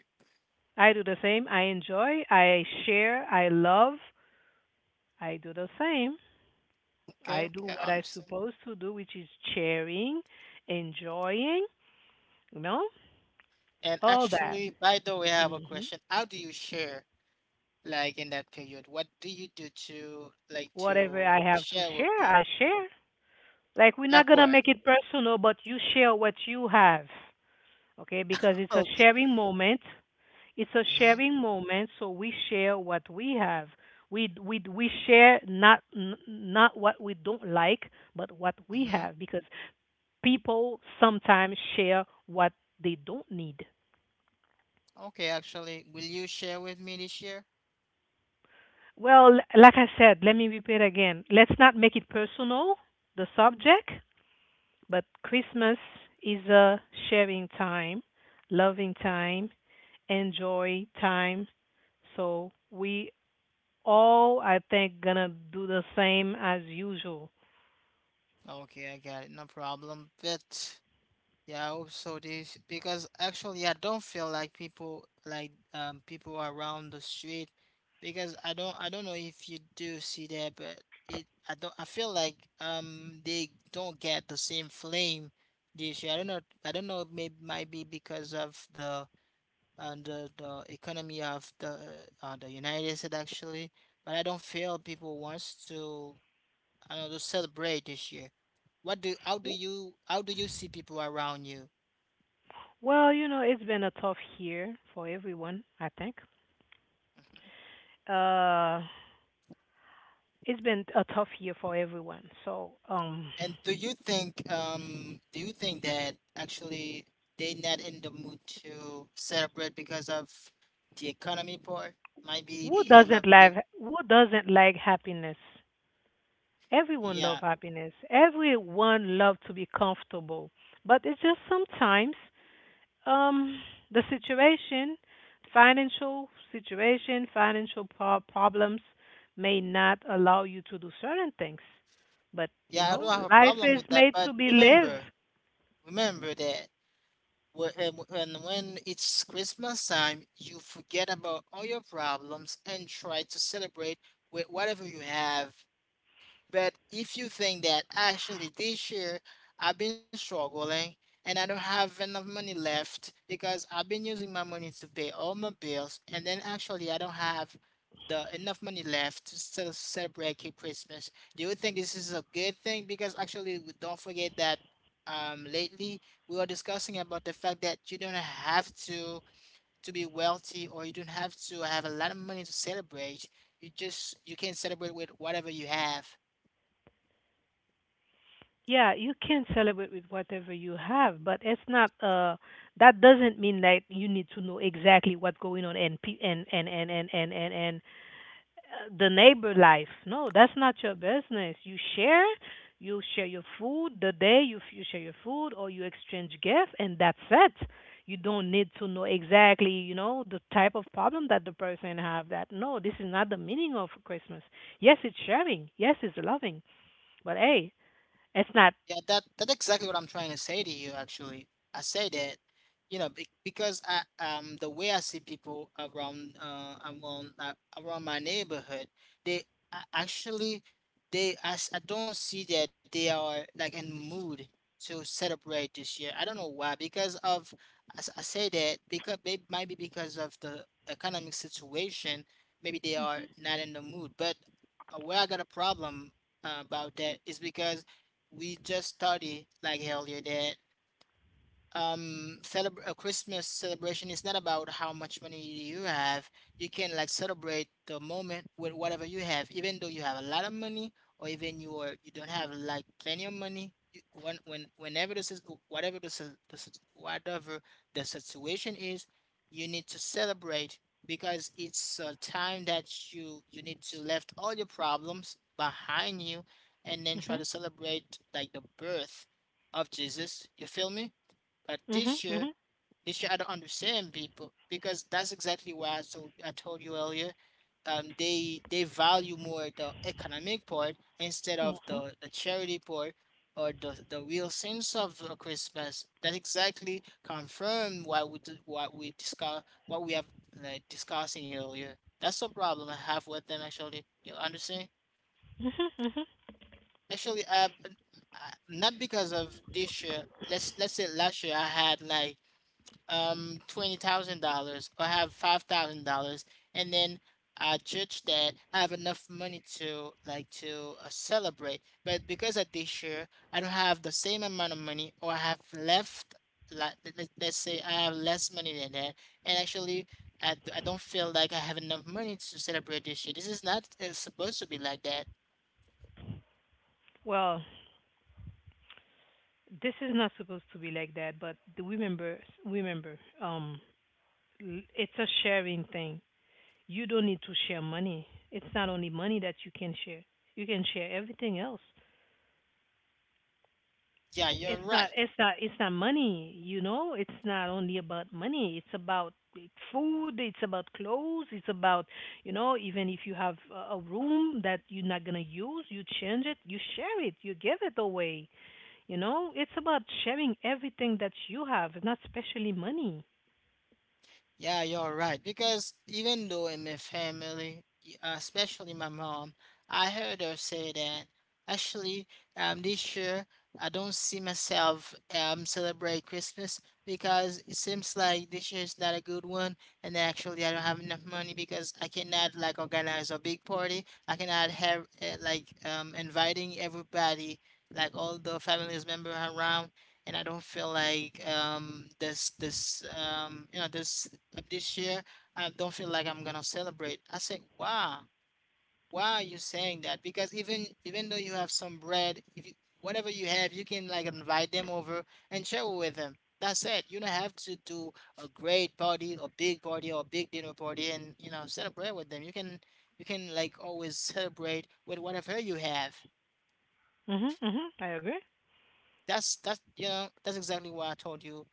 I do the same. I enjoy, I share, I love. I do the same. Okay, I do okay, I what I understand. supposed to do, which is sharing, enjoying, you know, And all that. actually, by the way, I have a Mm-hmm. question. How do you share like in that period? What do you do to like Whatever to I have to share with share, I people? share. Like, we're not Like gonna what? make it personal, but you share what you have, okay? Because it's a Okay. sharing moment. It's a Mm-hmm. sharing moment, so we share what we have. We share, not not what we don't like, but what we Mm-hmm. have, because people sometimes share what they don't need. Okay, actually, will you share with me this year? Well, like I said, let me repeat again. Let's not make it personal, the subject. But Christmas is a sharing time, loving time, enjoy time. So we all, I think, gonna do the same as usual. Okay, I got it. No problem. But yeah, I hope so. This because actually I don't feel like people around the street, because I don't know if you do see that, but it I feel like they don't get the same flame this year. I don't know, maybe might be because of the the economy of the United States actually, but I don't feel people wants to, I don't know, to celebrate this year. What do how do you see people around you? Well, you know, it's been a tough year for everyone, I think. Mhm. Uh, it's been a tough year for everyone. So, And do you think that actually they not in the mood to celebrate because of the economy part? Might be who because of doesn't like the, who doesn't like happiness? Everyone love yeah. happiness. Everyone love to be comfortable. But it's just sometimes. Um, the situation, financial problems may not allow you to do certain things, but you Yeah, I know, don't have a life problem is with that. made to But be lived. remember, remember that when when it's Christmas time, you forget about all your problems and try to celebrate with whatever you have. But if you think that actually this year I've been struggling and I don't have enough money left because I've been using my money to pay all my bills and then actually I don't have the enough money left to still celebrate Christmas. Do you think this is a good thing? Because actually we don't forget that lately we were discussing about the fact that you don't have to be wealthy, or you don't have to have a lot of money to celebrate. You can celebrate with whatever you have. Yeah, you can celebrate with whatever you have, but it's not, that doesn't mean that you need to know exactly what's going on, and and the neighbor life. No, that's not your business. You share your food, the day you share your food, or you exchange gift, and that's it. You don't need to know exactly, you know, the type of problem that the person have. That no, this is not the meaning of Christmas. Yes, it's sharing. Yes, it's loving. But hey, it's not. Yeah, that's exactly what I'm trying to say to you. Actually, I say that, you know, because I the way I see people around around my neighborhood, they actually they I don't see that they are like in mood to celebrate this year. I don't know why. Because of I say that because they might be because of the economic situation. Maybe they are Mhm, not in the mood. But where I got a problem about that is because we just study like hell, yeah, that celebr a Christmas celebration is not about how much money you have. You can like celebrate the moment with whatever you have, even though you have a lot of money or even you are you don't have like plenty of money. You, when whenever this is whatever the si- the sit- whatever the situation is, you need to celebrate because it's a time that you need to left all your problems behind you and then try to celebrate like the birth of Jesus. You feel me? But mhm, mhm, this year I don't understand people because that's exactly why I told you earlier. They value more the economic part instead of mhm, the charity part or the real sense of Christmas. That exactly confirm what we discuss what we have like discussing earlier. That's the problem I have with them actually. You understand? mhm, mhm. Actually, I not because of this year. Let's say last year I had like $20,000 or I have $5,000 and then I judge that I have enough money to like to celebrate, but because of this year I don't have the same amount of money or I have left like let's say I have less money than that. And actually I don't feel like I have enough money to celebrate this year. This is not supposed to be like that. Well, this is not supposed to be like that. But remember, remember, um, it's a sharing thing. You don't need to share money. It's not only money that you can share. You can share everything else. Yeah, It's you're not right. it's not it's not money, you know? It's not only about money. It's about food, it's about clothes, it's about, you know, even if you have a room that you're not going to use, you change it, you share it, you give it away, you know? It's about sharing everything that you have, not especially money. Yeah, you're right. Because even though in my family, especially my mom, I heard her say that actually, this year I don't see myself celebrate Christmas because it seems like this year is not a good one, and actually I don't have enough money because I cannot like organize a big party. I cannot have inviting everybody, like all the family's member around, and I don't feel like this this you know this this year I don't feel like I'm gonna celebrate. I say, wow, why are you saying that? Because even even though you have some bread, if you, whatever you have, you can like invite them over and share with them. That's it. You don't have to do a great party or big dinner party and you know celebrate with them. You can like always celebrate with whatever you have. Mhm, mhm. I agree. That's you know that's exactly why I told you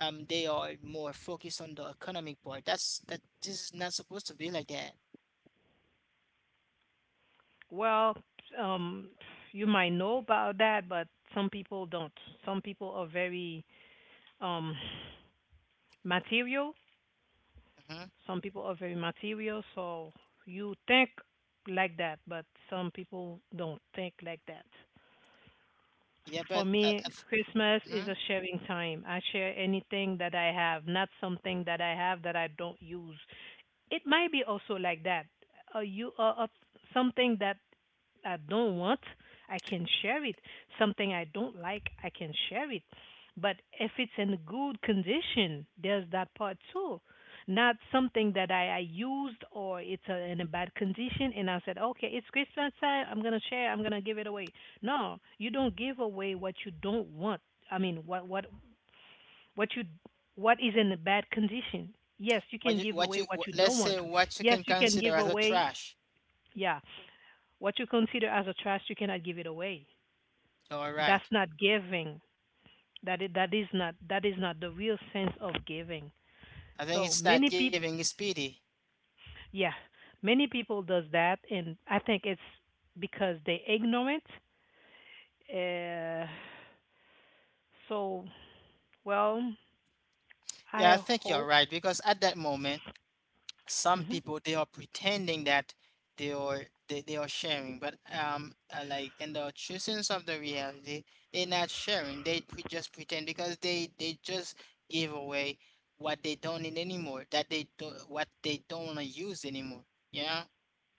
they are more focused on the economic part. That's that this is not supposed to be like that. Well, um, you might know about that, but some people don't. Some people are very, um, material. Mhm. Some people are very material, so you think like that, but some people don't think like that. Yeah, but For me, Christmas mhm. is a sharing time. I share anything that I have, not something that I have that I don't use. It might be also like that. You something that I don't want, I can share it. Something I don't like, I can share it. But if it's in good condition, there's that part too. Not something that I used, or it's in a bad condition, and I said, okay, it's Christmas time. I'm gonna share. I'm gonna give it away. No, you don't give away what you don't want. I mean, what you, what is in a bad condition. Yes, you can give away what you Let's don't say want. what you Yes, can you can consider give as a away, trash. yeah, what you consider as a trash, you cannot give it away. You're That's right. not giving. That is not the real sense of giving. I think So it's not many people, giving, is pity. yeah, many people does that, and I think it's because they ignorant. Uh, so well, I Yeah, I think you're hope. right because at that moment, some Mhm. people, they are pretending that they are they are sharing, but like in the true sense of the reality, they're not sharing. They just pretend because they just give away what they don't need anymore. That they do what they don't wanna use anymore. Yeah.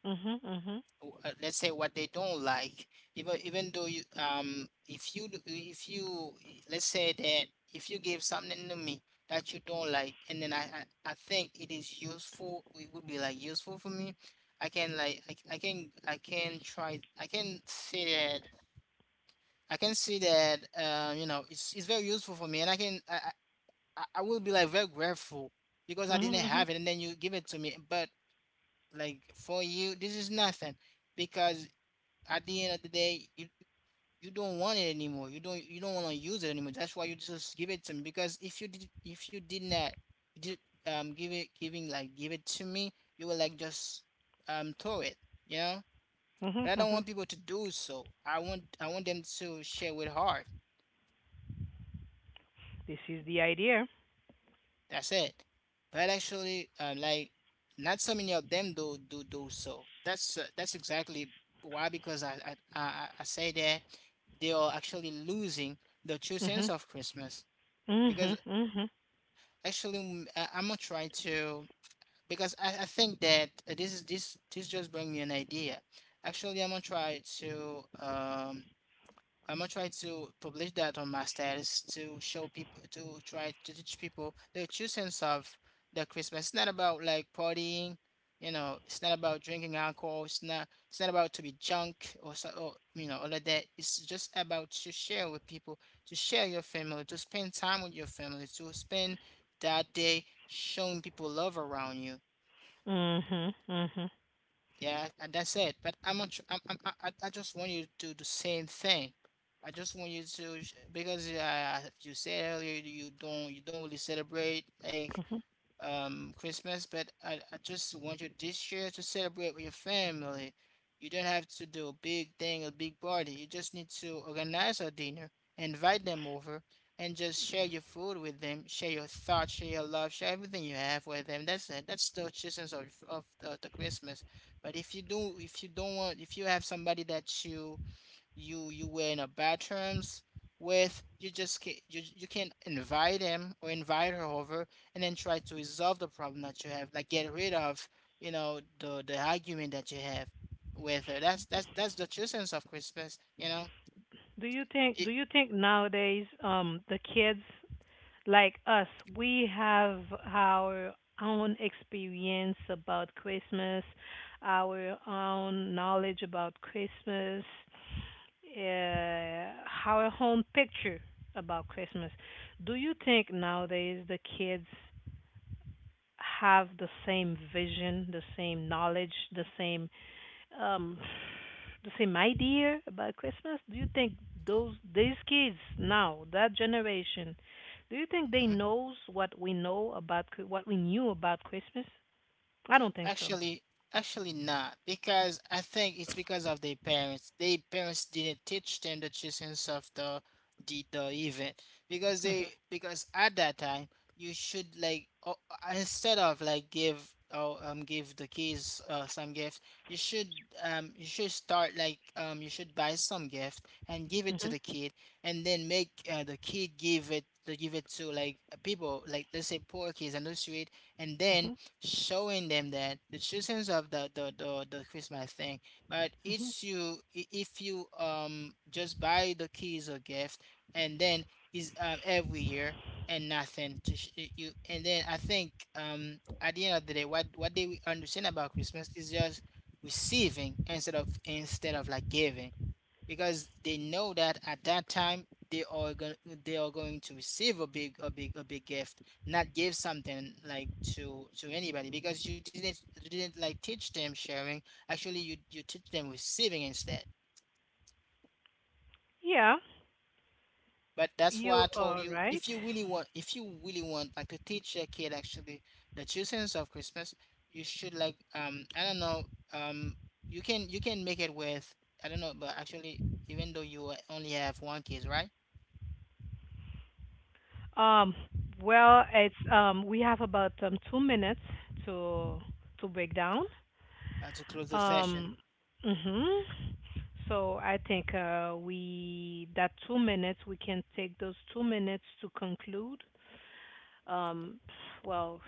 Mhm. Mhm. Let's say what they don't like, even even though you if you do- if you let's say that if you give something to me that you don't like, and then I think it would be like useful for me. i can like I I can i can try i can see that I can see that it's very useful for me, and I can I will be like very grateful because I didn't Mhm. Mhm. have it and then you give it to me. But like, for you this is nothing because at the end of the day, you don't want it anymore. You don't want to use it anymore. That's why you just give it to me. Because if you did not did give it to me, you will like just throw it. You know. Mhm. But I don't Mhm. want people to do so. I want them to share with heart. This is the idea. That's it. But actually, like not so many of them do so. That's exactly why, because I say that they are actually losing the true sense Mhm. of Christmas, because Mhm. Mhm. actually I'm gonna try to, because I think that this is, this just bring me an idea. Actually, I'm gonna try to publish that on my status to show people, to try to teach people the true sense of the Christmas. It's not about like partying. You know. It's not about drinking alcohol. It's not. It's not about to be drunk or so. Or all of that. It's just about to share with people, to share your family, to spend time with your family, to spend that day showing people love around you. Mhm. Mhm. Yeah, and that's it. But I'm not. Su- I'm, I just want you to do the same thing. I just want you because you said earlier you don't really celebrate, like Mhm. Christmas, but I just want you this year to celebrate with your family. You don't have to do a big thing, a big party. You just need to organize a dinner, invite them over, and just share your food with them, share your thoughts, share your love, share everything you have with them. That's it. That's the essence of the Christmas. But if you do, if you don't want, if you have somebody that you were in a bad terms with, you can invite him or invite her over and then try to resolve the problem that you have, like get rid of the argument that you have with her. That's the true sense of Christmas. Do you think do it, you think nowadays, the kids like us, we have our own experience about Christmas, our own knowledge about Christmas, uh, our own picture about Christmas. Do you think nowadays the kids have the same vision, the same knowledge, the same, um to say my dear about Christmas? Do you think those these kids now, that generation, do you think Mhm. they knows what we know about what we knew about Christmas? I don't think so. Actually, actually, not, because I think it's because of their parents. Their parents didn't teach them the essence of the event, Mhm. Because at that time, you should like instead of like give the kids some gifts. You should um you should start like um you should buy some gift and give it to Mhm. the kid, and then make the kid give it to like people, like let's say poor kids on the street, and then Mhm. showing them that the children of the Christmas thing. But Mhm. it's, you if you just buy the keys or gift, and then is every year, and nothing to you. And then I think at the end of the day, what they understand about Christmas is just receiving instead of like giving, because they know that at that time they are going to receive a big gift, not give something like to anybody, because you didn't like teach them sharing. Actually, you teach them receiving instead. Yeah, But that's why I you told are you, right. if you really want, like to teach your kid actually the true sense of Christmas, you should like I don't know, um you can, make it with, I don't know, but actually, even though you only have one kid, right. Um well, it's, we have about 2 minutes to to break down. To close the session. Um, mhm. So I think, we can take those 2 minutes to conclude. Um, well,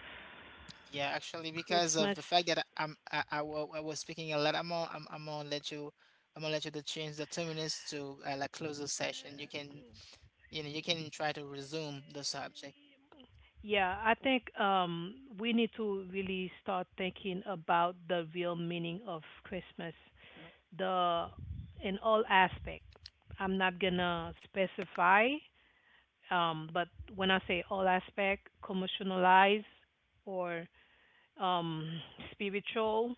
Yeah, actually, because of Christmas. the fact that I was speaking a lot, I'm gonna let you I'm gonna let you to change the 2 minutes to like close the session. You can try to resume the subject. Yeah, I think we need to really start thinking about the real meaning of Christmas, the in all aspect. I'm not gonna specify, but when I say all aspect, commercialize or, um, spiritual,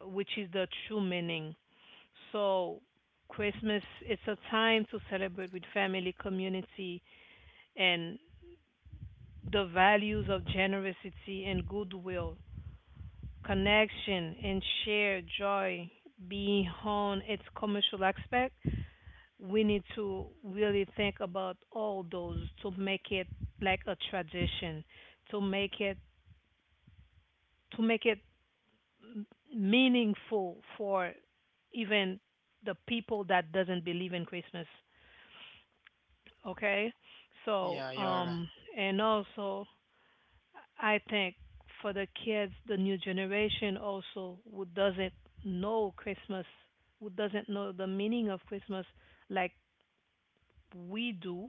which is the true meaning. So, Christmas it's a time to celebrate with family, community, and the values of generosity and goodwill, connection and shared joy. Beyond its commercial aspect, we need to really think about all those to make it like a tradition, to make it, to make it meaningful for even the people that doesn't believe in Christmas. Okay, so, Yeah, you're right. And also I think for the kids, the new generation also, who doesn't know Christmas, who doesn't know the meaning of Christmas like we do,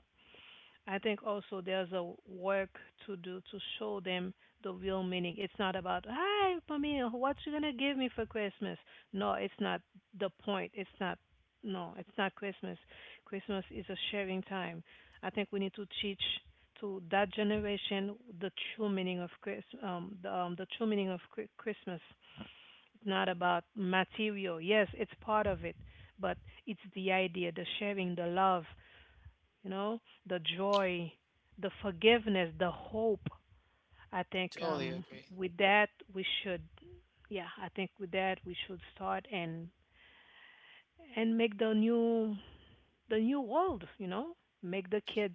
I think also there's a work to do to show them the real meaning. It's not about, hi, Pamela, what you gonna give me for Christmas? No, it's not the point. It's not. No, it's not Christmas. Christmas is a sharing time. I think we need to teach to that generation the true meaning of the true meaning of Christmas. It's not about material. Yes, it's part of it, but it's the idea, the sharing, the love, you know, the joy, the forgiveness, the hope. I think, Totally agree. with that we should, yeah, I think with that we should start, and make the new world, you know, make the kids.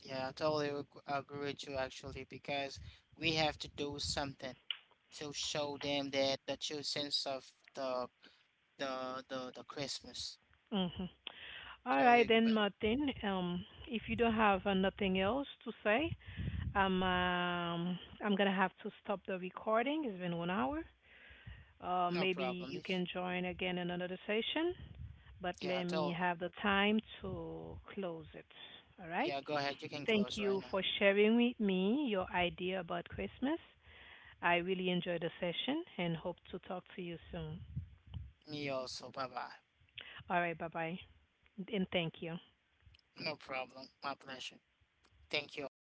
Yeah, I totally agree with you, actually, because we have to do something to show them that the true sense of the the Christmas. Mhm. All Totally right agree, then, but Martin. If you don't have nothing else to say, I'm gonna have to stop the recording. It's been 1 hour. No Maybe problem. you can Yes. join again in another session, but let Yeah, me totally. have the time to close it. All right. Yeah, go ahead. You can Thank close you right for now. sharing with me your idea about Christmas. I really enjoyed the session and hope to talk to you soon. Me also. Bye bye. All right. Bye bye. And thank you. No problem. My pleasure. Thank you also.